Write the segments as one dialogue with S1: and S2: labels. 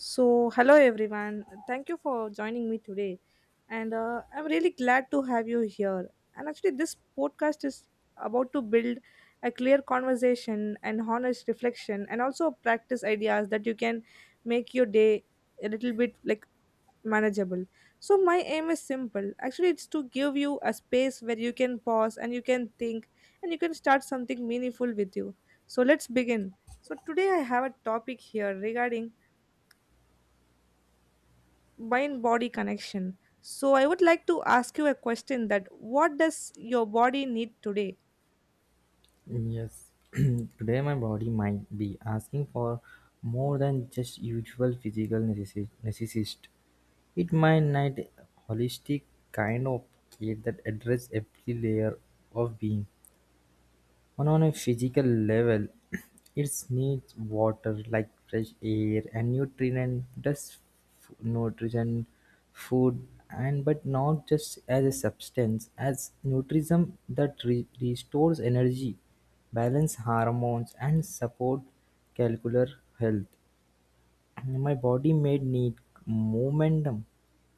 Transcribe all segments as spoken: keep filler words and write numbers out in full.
S1: So, hello everyone. Thank you for joining me today. And uh, I'm really glad to have you here. And actually, this podcast is about to build a clear conversation and honest reflection and also practice ideas that you can make your day a little bit like manageable. So, my aim is simple. Actually, it's to give you a space where you can pause and you can think and you can start something meaningful with you. So, let's begin. So, today I have a topic here regarding mind body connection, so I would like to ask you a question that what does your body need today?
S2: Yes, today my body might be asking for more than just usual physical necessi- necessist. It might need a holistic kind of care that address every layer of being. And on a physical level, it needs water like fresh air and nutrient, just f- nutrition, food, and but not just as a substance, as nutrition that re- restores energy, balance hormones, and support cellular health. And my body made need momentum,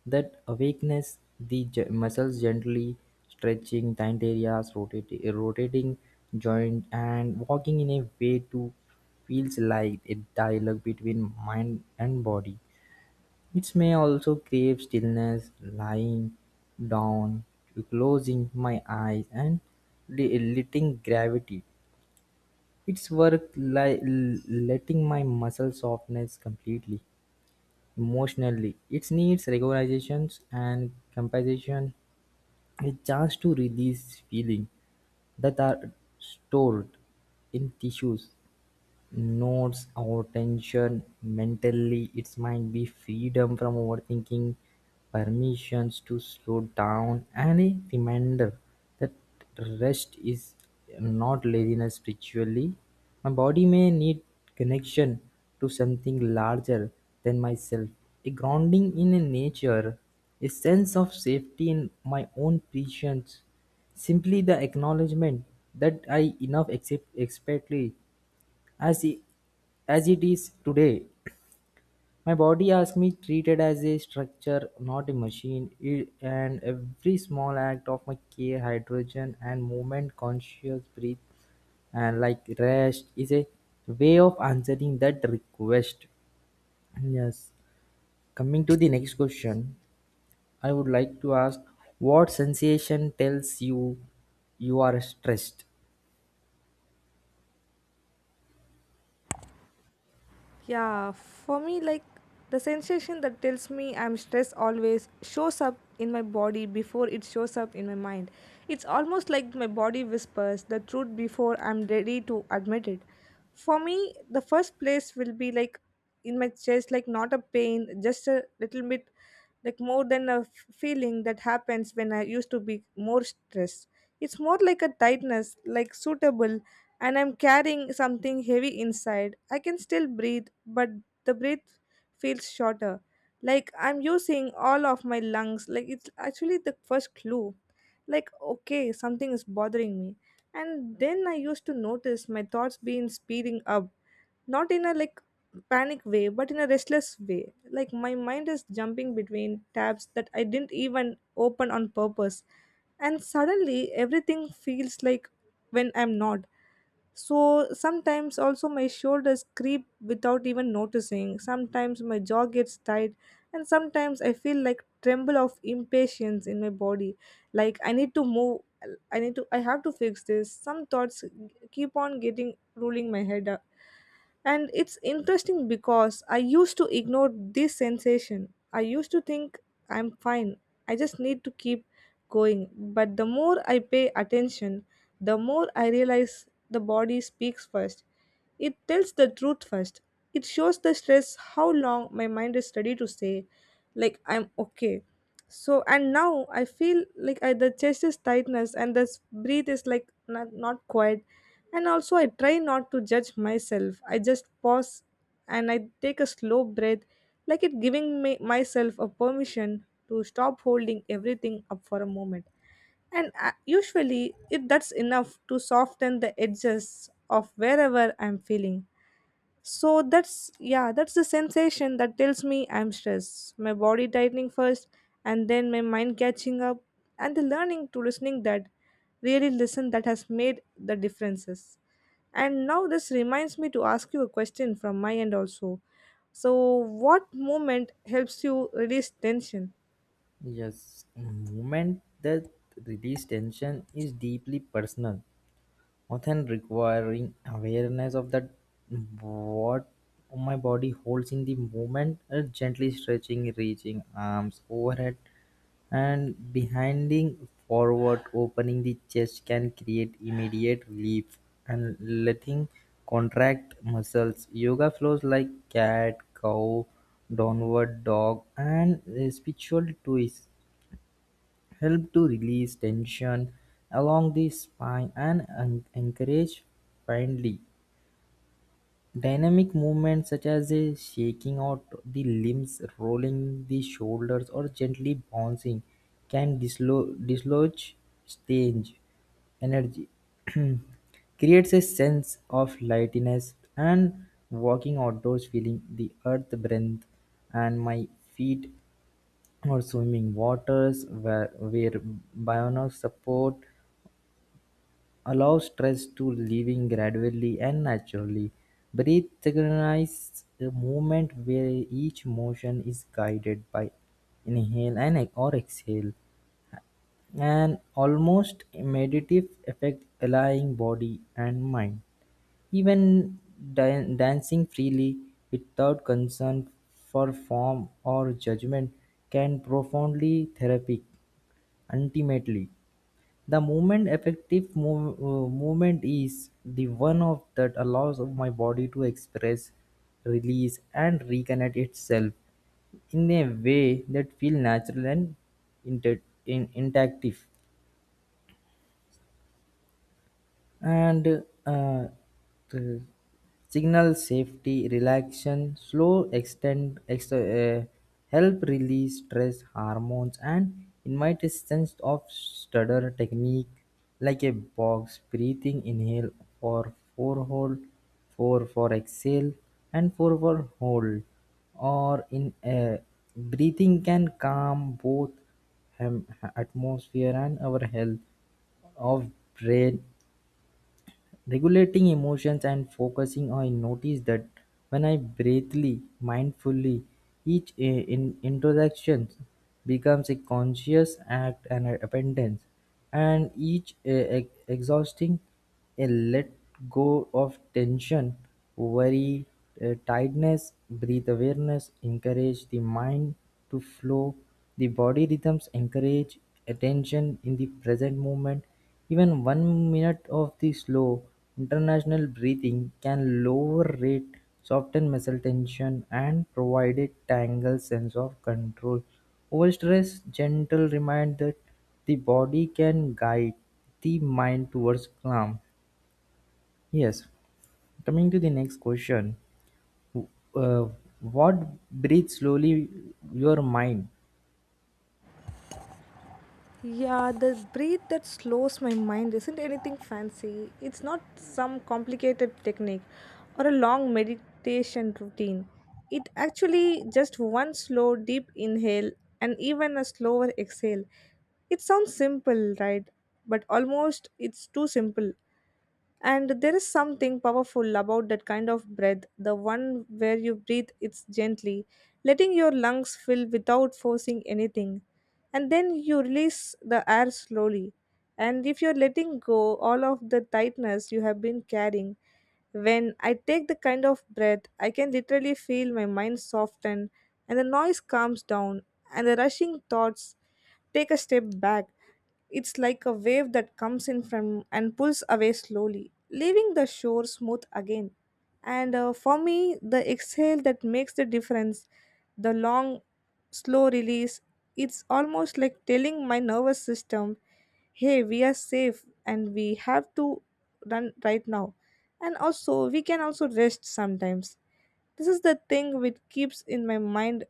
S2: that awakens the j- muscles gently, stretching tight areas, rotating, rotating joint, and walking in a way to feels like a dialogue between mind and body. It may also crave stillness, lying down, closing my eyes, and li- letting gravity. It's work like letting my muscle softness completely. Emotionally, it needs recognitions and compensation. A chance to release feelings that are stored in tissues nodes or tension. Mentally, it might be freedom from overthinking, permissions to slow down, and a reminder that rest is not laziness. Spiritually, my body may need connection to something larger than myself, a grounding in a nature, a sense of safety in my own presence, simply the acknowledgement that I enough accept expectly as i- as it is today. My body asks me treated as a structure, not a machine. It and every small act of my care hydrogen and movement conscious breath and like rest is a way of answering that request. Yes, coming to the next question, I would like to ask, what sensation tells you you are stressed?
S1: Yeah, for me, like the sensation that tells me I'm stressed always shows up in my body before it shows up in my mind. It's almost like my body whispers the truth before I'm ready to admit it. For me, the first place will be like in my chest, like not a pain, just a little bit like more than a f- feeling that happens when I used to be more stressed. It's more like a tightness, like suitable and I'm carrying something heavy inside. I can still breathe, but the breath feels shorter. Like I'm using all of my lungs. Like it's actually the first clue. Like, okay, something is bothering me. And then I used to notice my thoughts being speeding up. Not in a like panic way, but in a restless way. Like my mind is jumping between tabs that I didn't even open on purpose. And suddenly everything feels like when I'm not. So sometimes also my shoulders creep without even noticing. Sometimes my jaw gets tight and sometimes I feel like tremble of impatience in my body. Like I need to move, I need to, I have to fix this. Some thoughts keep on getting ruling my head uh, And it's interesting because I used to ignore this sensation. I used to think I'm fine, I just need to keep going. But the more I pay attention, the more I realize the body speaks first. It tells the truth first. It shows the stress how long my mind is ready to say, like I'm okay. So and now I feel like I, the chest is tightness and the s- breathe is like not, not quiet. And also I try not to judge myself. I just pause and I take a slow breath, like it giving me, myself a permission to stop holding everything up for a moment and uh, usually it that's enough to soften the edges of wherever I'm feeling. So that's, yeah, that's the sensation that tells me I'm stressed, my body tightening first and then my mind catching up and the learning to listening that really listen that has made the differences. And now this reminds me to ask you a question from my end also. So what moment helps you release tension?
S2: Yes, movement that release tension is deeply personal, often requiring awareness of that what my body holds in the moment, uh, gently stretching, reaching arms overhead and behinding forward, opening the chest can create immediate relief and letting contract muscles. Yoga flows like cat, cow, downward dog, and uh, spiritual twist help to release tension along the spine and en- encourage friendly dynamic movements such as a shaking out the limbs, rolling the shoulders, or gently bouncing can dislo- dislodge stage energy. Creates a sense of lightness, and walking outdoors feeling the earth breath and my feet, or swimming waters where where bionic support allows stress to leaving gradually and naturally. Breathe recognizes the movement where each motion is guided by inhale and ex- or exhale, an almost meditative effect allowing body and mind. Even dan- dancing freely without concern for form or judgment can profoundly therapeutic. Ultimately, the movement effective move uh, movement is the one of that allows of my body to express, release, and reconnect itself in a way that feels natural and inter- in- interactive. And uh, the signal safety relaxation slow extend ex- uh, help release stress hormones and invite a sense of stutter technique like a box breathing inhale or four hold, four for exhale, and four for hold, or in uh, breathing can calm both hem- atmosphere and our health of brain. Regulating emotions and focusing, I notice that when I breathly, mindfully, each i- in introduction becomes a conscious act and a abundance, and each uh, ex- exhausting a let go of tension, worry, uh, tiredness, breathe awareness, encourage the mind to flow, the body rhythms encourage attention in the present moment. Even one minute of the slow, international breathing can lower rate, soften muscle tension, and provide a tangled sense of control. Over stress, gentle remind that the body can guide the mind towards calm. Yes. Coming to the next question, uh, what breathes slowly your mind?
S1: Yeah, the breath that slows my mind isn't anything fancy. It's not some complicated technique or a long meditation routine. It actually just one slow, deep inhale and even a slower exhale. It sounds simple, right? But almost it's too simple. And there is something powerful about that kind of breath, the one where you breathe it gently, letting your lungs fill without forcing anything. And then you release the air slowly. And if you're letting go all of the tightness you have been carrying, when I take the kind of breath, I can literally feel my mind soften and the noise calms down and the rushing thoughts take a step back. It's like a wave that comes in from and pulls away slowly, leaving the shore smooth again. And uh, for me, the exhale that makes the difference, the long, slow release, it's almost like telling my nervous system, hey, we are safe and we have to run right now. And also, we can also rest sometimes. This is the thing which keeps in my mind.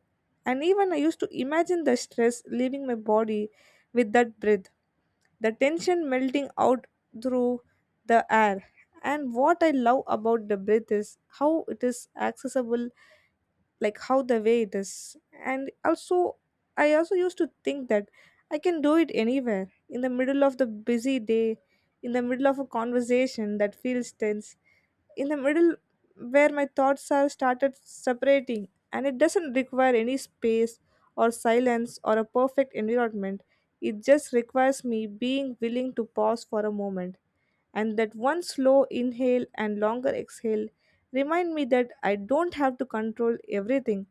S1: And even I used to imagine the stress leaving my body with that breath, the tension melting out through the air. And what I love about the breath is how it is accessible, like how the way it is. And also, I also used to think that I can do it anywhere in the middle of the busy day, in the middle of a conversation that feels tense, in the middle where my thoughts are started separating and it doesn't require any space or silence or a perfect environment. It just requires me being willing to pause for a moment, and that one slow inhale and longer exhale remind me that I don't have to control everything,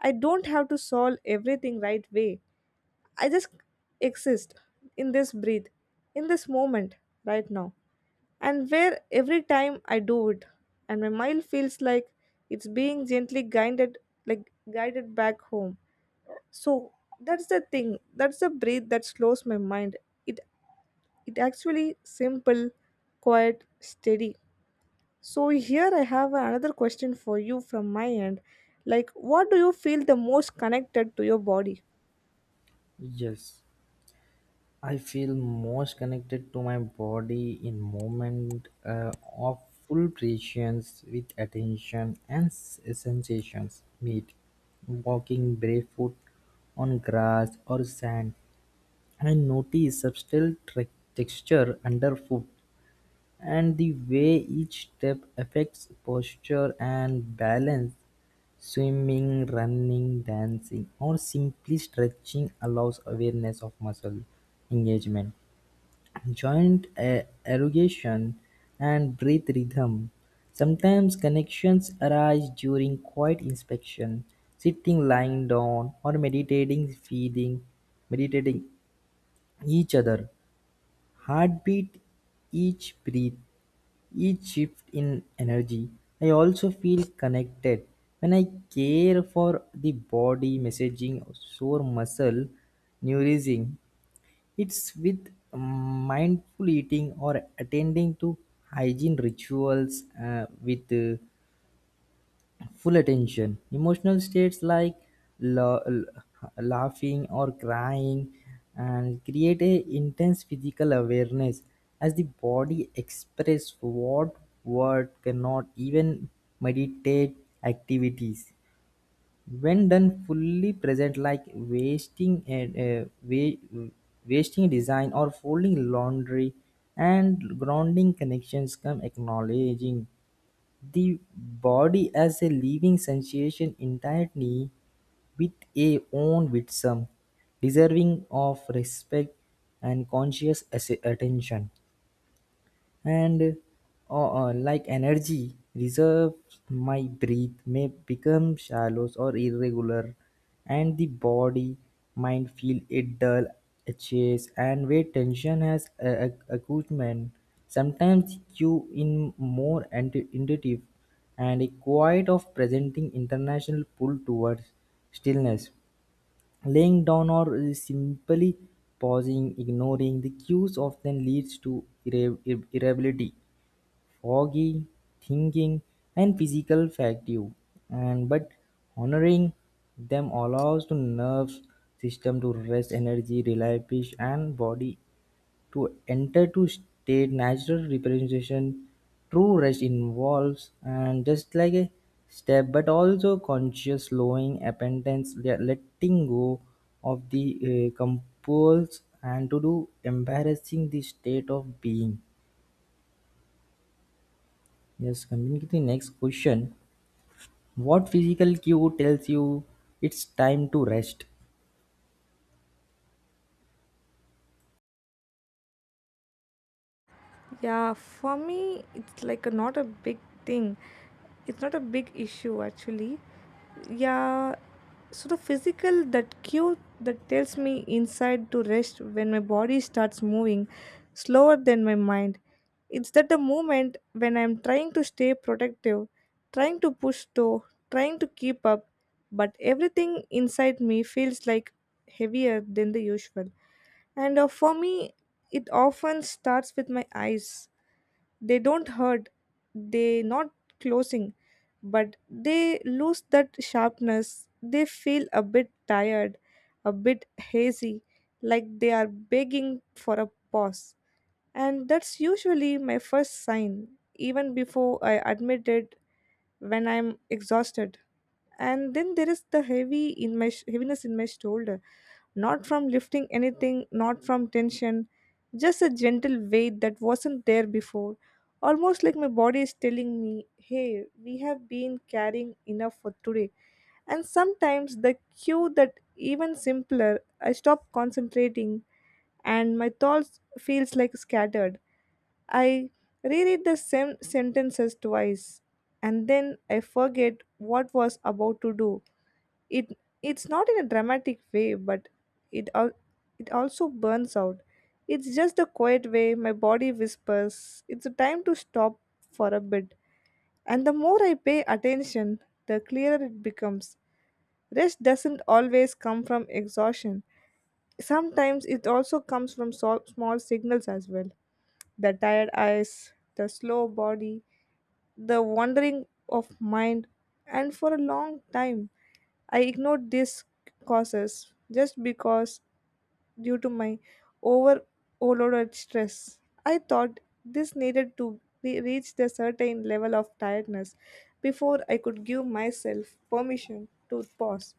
S1: I don't have to solve everything right way, I just exist in this breath, in this moment, right now. And where every time I do it, and my mind feels like it's being gently guided, like guided back home. So that's the thing. That's the breath that slows my mind. It it actually simple, quiet, steady. So here I have another question for you from my end. Like, what do you feel the most connected to your body?
S2: Yes. I feel most connected to my body in moment uh, of full presence with attention and s- sensations meet. Walking barefoot on grass or sand, I notice subtle tre- texture underfoot and the way each step affects posture and balance. Swimming, running, dancing, or simply stretching allows awareness of muscle engagement, joint erugation, and breath rhythm. Sometimes connections arise during quiet inspection, sitting, lying down, or meditating, feeding, meditating each other. Heartbeat, each breath, each shift in energy. I also feel connected when I care for the body, messaging, sore muscle, nourishing. It's with mindful eating or attending to hygiene rituals uh, with uh, full attention. Emotional states like la- la- laughing or crying and create a intense physical awareness as the body express what word cannot even meditate activities when done fully present like wasting and uh, wa- wasting design or folding laundry, and grounding connections come acknowledging the body as a living sensation entirely with a own wisdom deserving of respect and conscious ass- attention. And uh, uh, like energy reserves, my breath may become shallow or irregular, and the body mind feel it dull, a chase, and where tension has a accumulated. Sometimes you in more anti- intuitive and a quiet of presenting international pull towards stillness, laying down or simply pausing. Ignoring the cues often leads to irre- irritability, foggy thinking, and physical fatigue, and but honoring them allows the nerve system to rest, energy, replenish, and body to enter to state natural representation. True rest involves and just like a step, but also conscious slowing, appentance, le- letting go of the uh, compulse, and to do embarrassing the state of being. Yes, coming to the next question. What physical cue tells you it's time to rest?
S1: Yeah, for me, it's like a, not a big thing. It's not a big issue actually. Yeah, so the physical that cue that tells me inside to rest when my body starts moving slower than my mind. It's that the moment when I'm trying to stay protective, trying to push through, trying to keep up, but everything inside me feels like heavier than the usual. And uh, for me, it often starts with my eyes. They don't hurt, they not closing, but they lose that sharpness. They feel a bit tired, a bit hazy, like they are begging for a pause. And that's usually my first sign, even before I admit it, when I'm exhausted. And then there is the heavy in my sh- heaviness in my shoulder, not from lifting anything, not from tension, just a gentle weight that wasn't there before. Almost like my body is telling me, hey, we have been carrying enough for today. And sometimes the cue that even simpler, I stop concentrating and my thoughts feels like scattered. I reread the same sentences twice and then I forget what was about to do. It it's not in a dramatic way, but it al- it also burns out. It's just a quiet way my body whispers it's a time to stop for a bit. And the more I pay attention, the clearer it becomes. Rest doesn't always come from exhaustion. Sometimes it also comes from so- small signals as well, the tired eyes, the slow body, the wandering of mind. And for a long time I ignored these causes just because, due to my overloaded stress, I thought this needed to re- reach the certain level of tiredness before I could give myself permission to pause.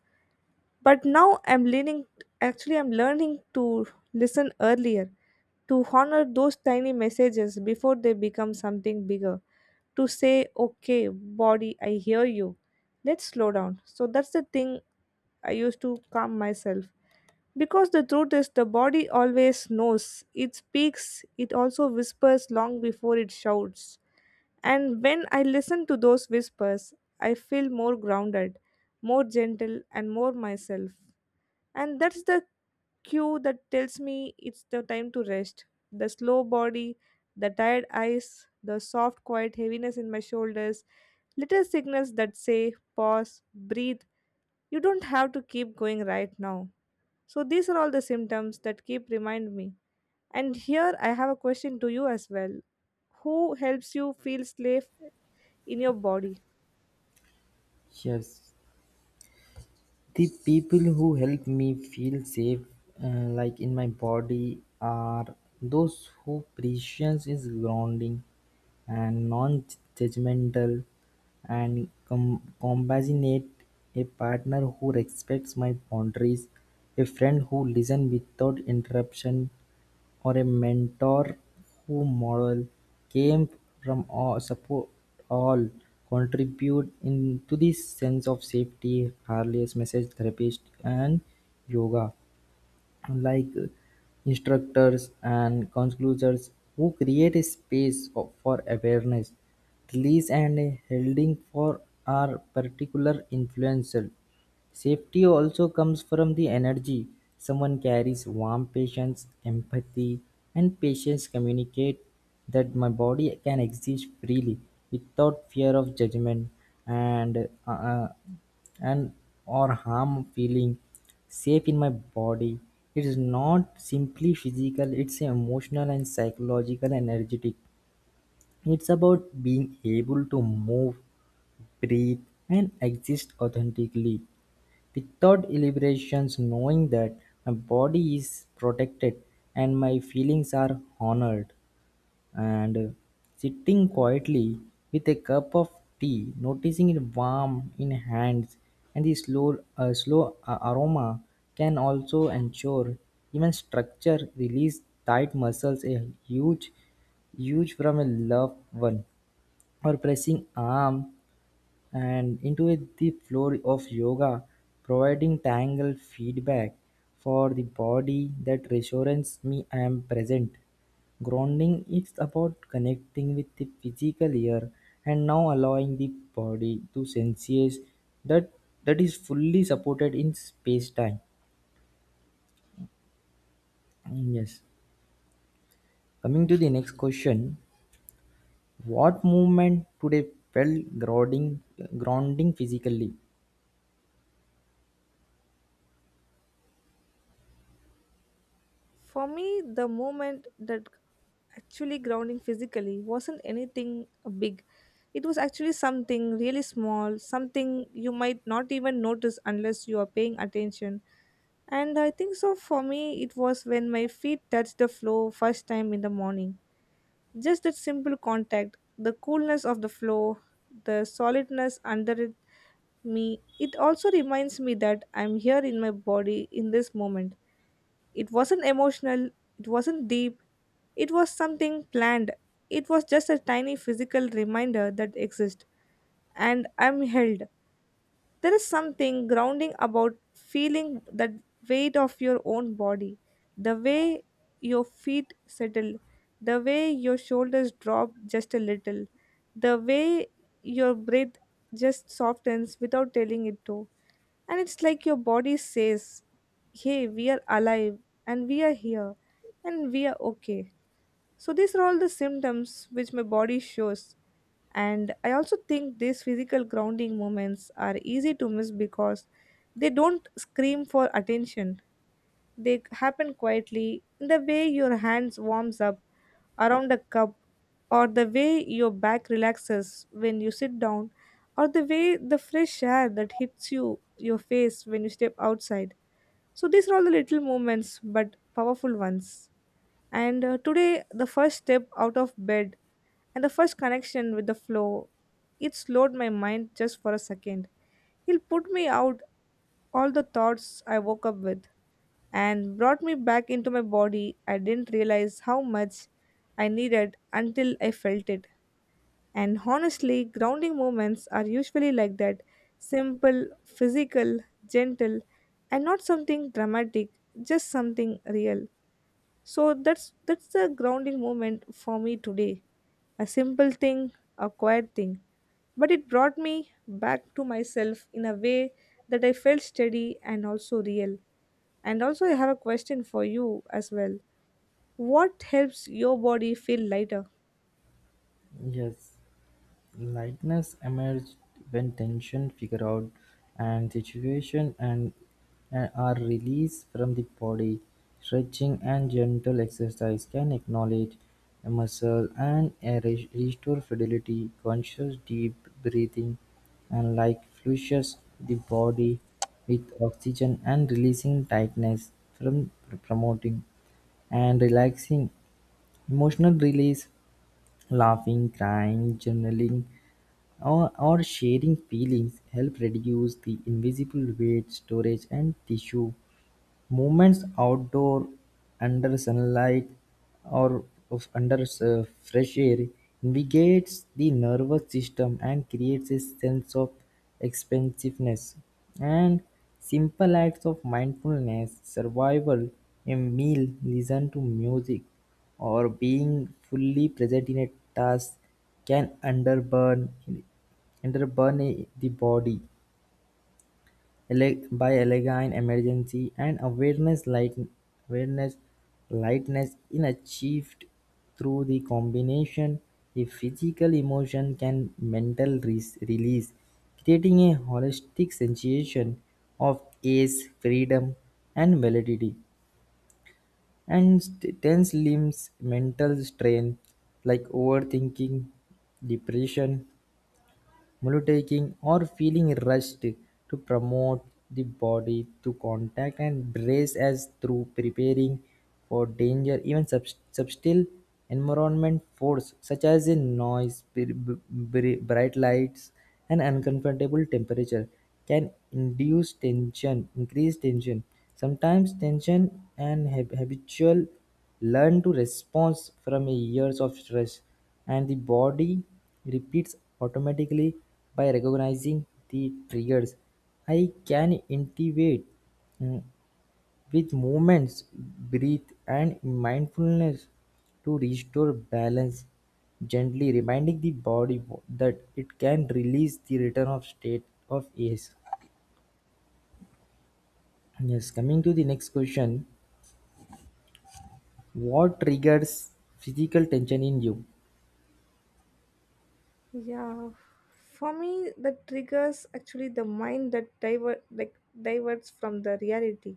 S1: But now I'm leaning, actually I'm learning to listen earlier, to honor those tiny messages before they become something bigger, to say okay body I hear you, let's slow down. So that's the thing I used to calm myself, because the truth is the body always knows, it speaks, it also whispers long before it shouts. And when I listen to those whispers, I feel more grounded, more gentle and more myself. And that's the cue that tells me it's the time to rest. The slow body, the tired eyes, the soft, quiet heaviness in my shoulders, little signals that say, pause, breathe. You don't have to keep going right now. So, these are all the symptoms that keep remind me. And here I have a question to you as well. Who helps you feel safe in your body?
S2: Yes, the people who help me feel safe, uh, like in my body, are those who prescience is grounding and non-judgmental and com- compassionate, a partner who respects my boundaries, a friend who listens without interruption, or a mentor who model came from or supported or contributed to this sense of safety. Harley's message therapist and yoga like instructors and counselors who create a space of- for awareness, release, and holding for our particular influential. Safety also comes from the energy someone carries, warm patience, empathy, and patience communicate that my body can exist freely without fear of judgment and uh, uh, and or harm feeling safe in my body. It is not simply physical, it's emotional and psychological energetic. It's about being able to move, breathe, and exist authentically without elaborations, knowing that my body is protected and my feelings are honored. And uh, sitting quietly with a cup of tea, noticing it warm in hands and the slow uh, slow a- aroma can also ensure even structure release tight muscles. A huge huge from a loved one or pressing arm and into it the floor of yoga, providing tangled feedback for the body that reassures me I am present. Grounding is about connecting with the physical here and now, allowing the body to sense that that is fully supported in space time. Yes. Coming to the next question, what movement today felt grounding, grounding physically?
S1: For me, the moment that actually grounding physically wasn't anything big. It was actually something really small, something you might not even notice unless you are paying attention. And I think so for me, it was when my feet touched the floor first time in the morning. Just that simple contact, the coolness of the floor, the solidness under it, me, it also reminds me that I'm here in my body in this moment. It wasn't emotional, it wasn't deep, it was something planned. It was just a tiny physical reminder that exists, and I'm held. There is something grounding about feeling that weight of your own body, the way your feet settle, the way your shoulders drop just a little, the way your breath just softens without telling it to. And it's like your body says, hey, we are alive and we are here and we are okay. So, these are all the symptoms which my body shows. And I also think these physical grounding moments are easy to miss because they don't scream for attention. They happen quietly in the way your hands warms up around a cup, or the way your back relaxes when you sit down, or the way the fresh air that hits you your face when you step outside. So these are all the little movements, but powerful ones. And uh, today, the first step out of bed and the first connection with the flow, it slowed my mind just for a second. It put me out all the thoughts I woke up with and brought me back into my body. I didn't realize how much I needed until I felt it. And honestly, grounding moments are usually like that: simple, physical, gentle, and not something dramatic, just something real. So that's that's the grounding moment for me today. A simple thing, a quiet thing. But it brought me back to myself in a way that I felt steady and also real. And also I have a question for you as well. What helps your body feel lighter?
S2: Yes. Lightness emerged when tension figure out, and situation and and are released from the body. Stretching and gentle exercise can acknowledge a muscle and a re- restore fidelity. Conscious deep breathing and like flushes the body with oxygen and releasing tightness, from promoting and relaxing emotional release. Laughing, crying, journaling, or, or sharing feelings help reduce the invisible weight storage and tissue. Movements outdoor, under sunlight or of- under s- fresh air invigorates the nervous system and creates a sense of expansiveness. And simple acts of mindfulness, survival, a meal, listen to music, or being fully present in a task can underburn underburn the body ele- by elegant emergency and awareness light awareness lightness in, achieved through the combination of physical emotion and mental res- release, creating a holistic sensation of ease, freedom, and validity. And st- tense limbs, mental strain like overthinking, depression, multitasking, or feeling rushed to promote the body to contact and brace as through preparing for danger. Even sub- subtle environment force such as in noise, br- br- bright lights, and uncomfortable temperature can induce tension increase tension. Sometimes tension and hab- habitual learn to respond from years of stress, and the body repeats automatically. By recognizing the triggers, I can intuit mm, with movements, breathe, and mindfulness to restore balance, gently reminding the body wo- that it can release the return of state of ease. Yes, coming to the next question, what triggers physical tension in you
S1: Yeah, for me, the triggers actually the mind that diver like diverts from the reality,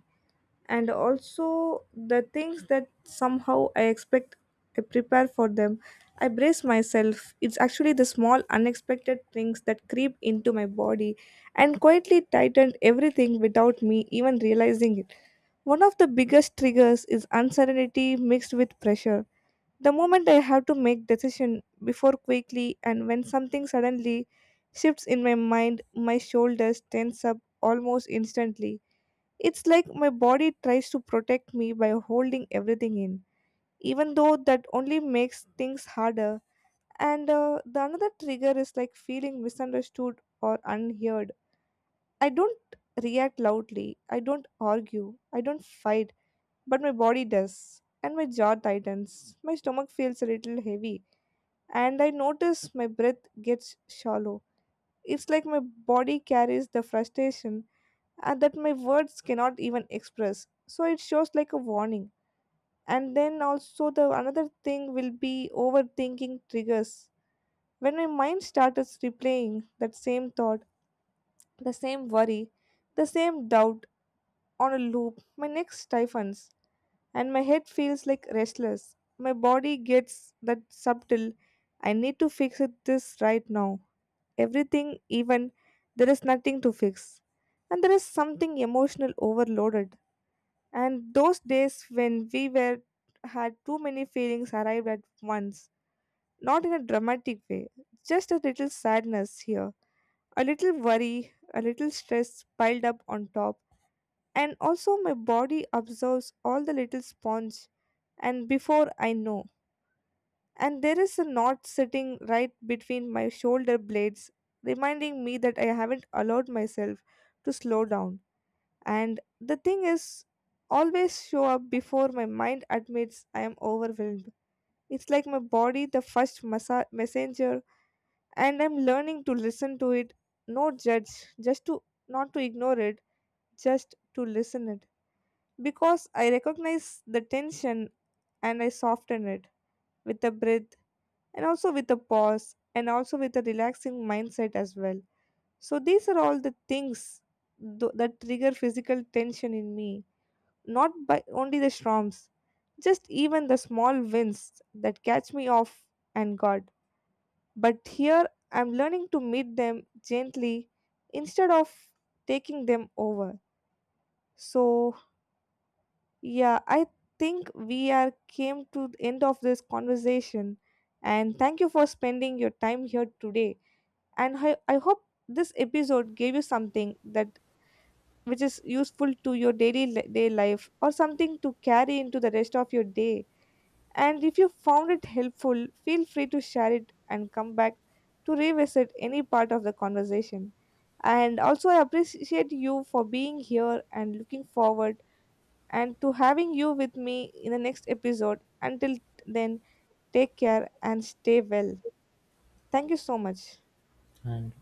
S1: and also the things that somehow I expect I prepare for them. I brace myself. It's actually the small unexpected things that creep into my body and quietly tighten everything without me even realizing it. One of the biggest triggers is uncertainty mixed with pressure. The moment I have to make decision before quickly, and when something suddenly shifts in my mind, my shoulders tense up almost instantly. It's like my body tries to protect me by holding everything in, even though that only makes things harder. And uh, the another trigger is like feeling misunderstood or unheard. I don't react loudly, I don't argue, I don't fight, but my body does, and my jaw tightens. My stomach feels a little heavy and I notice my breath gets shallow. It's like my body carries the frustration and that my words cannot even express. So it shows like a warning. And then also the another thing will be overthinking triggers. When my mind starts replaying that same thought, the same worry, the same doubt on a loop, my neck stiffens and my head feels like restless. My body gets that subtle I need to fix it this right now everything, even there is nothing to fix. And there is something emotional overloaded. And those days when we were had too many feelings arrived at once, not in a dramatic way, just a little sadness here, a little worry, a little stress piled up on top. And also, my body absorbs all the little sponge, and before I know, and there is a knot sitting right between my shoulder blades, reminding me that I haven't allowed myself to slow down. And the thing is, always show up before my mind admits I am overwhelmed. It's like my body, the first massa messenger, and I'm learning to listen to it. No judge, just to not to ignore it, just to listen it. Because I recognize the tension and I soften it with a breath and also with a pause and also with a relaxing mindset as well. So these are all the things th- that trigger physical tension in me, not by only the storms, just even the small winds that catch me off and guard. But here I'm learning to meet them gently instead of taking them over. So yeah, I think we are came to the end of this conversation, and thank you for spending your time here today. And I, I hope this episode gave you something that which is useful to your daily li- day life, or something to carry into the rest of your day. And if you found it helpful, feel free to share it and come back to revisit any part of the conversation. And also I appreciate you for being here, and looking forward and to having you with me in the next episode. Until then, take care and stay well. Thank you so much.
S2: and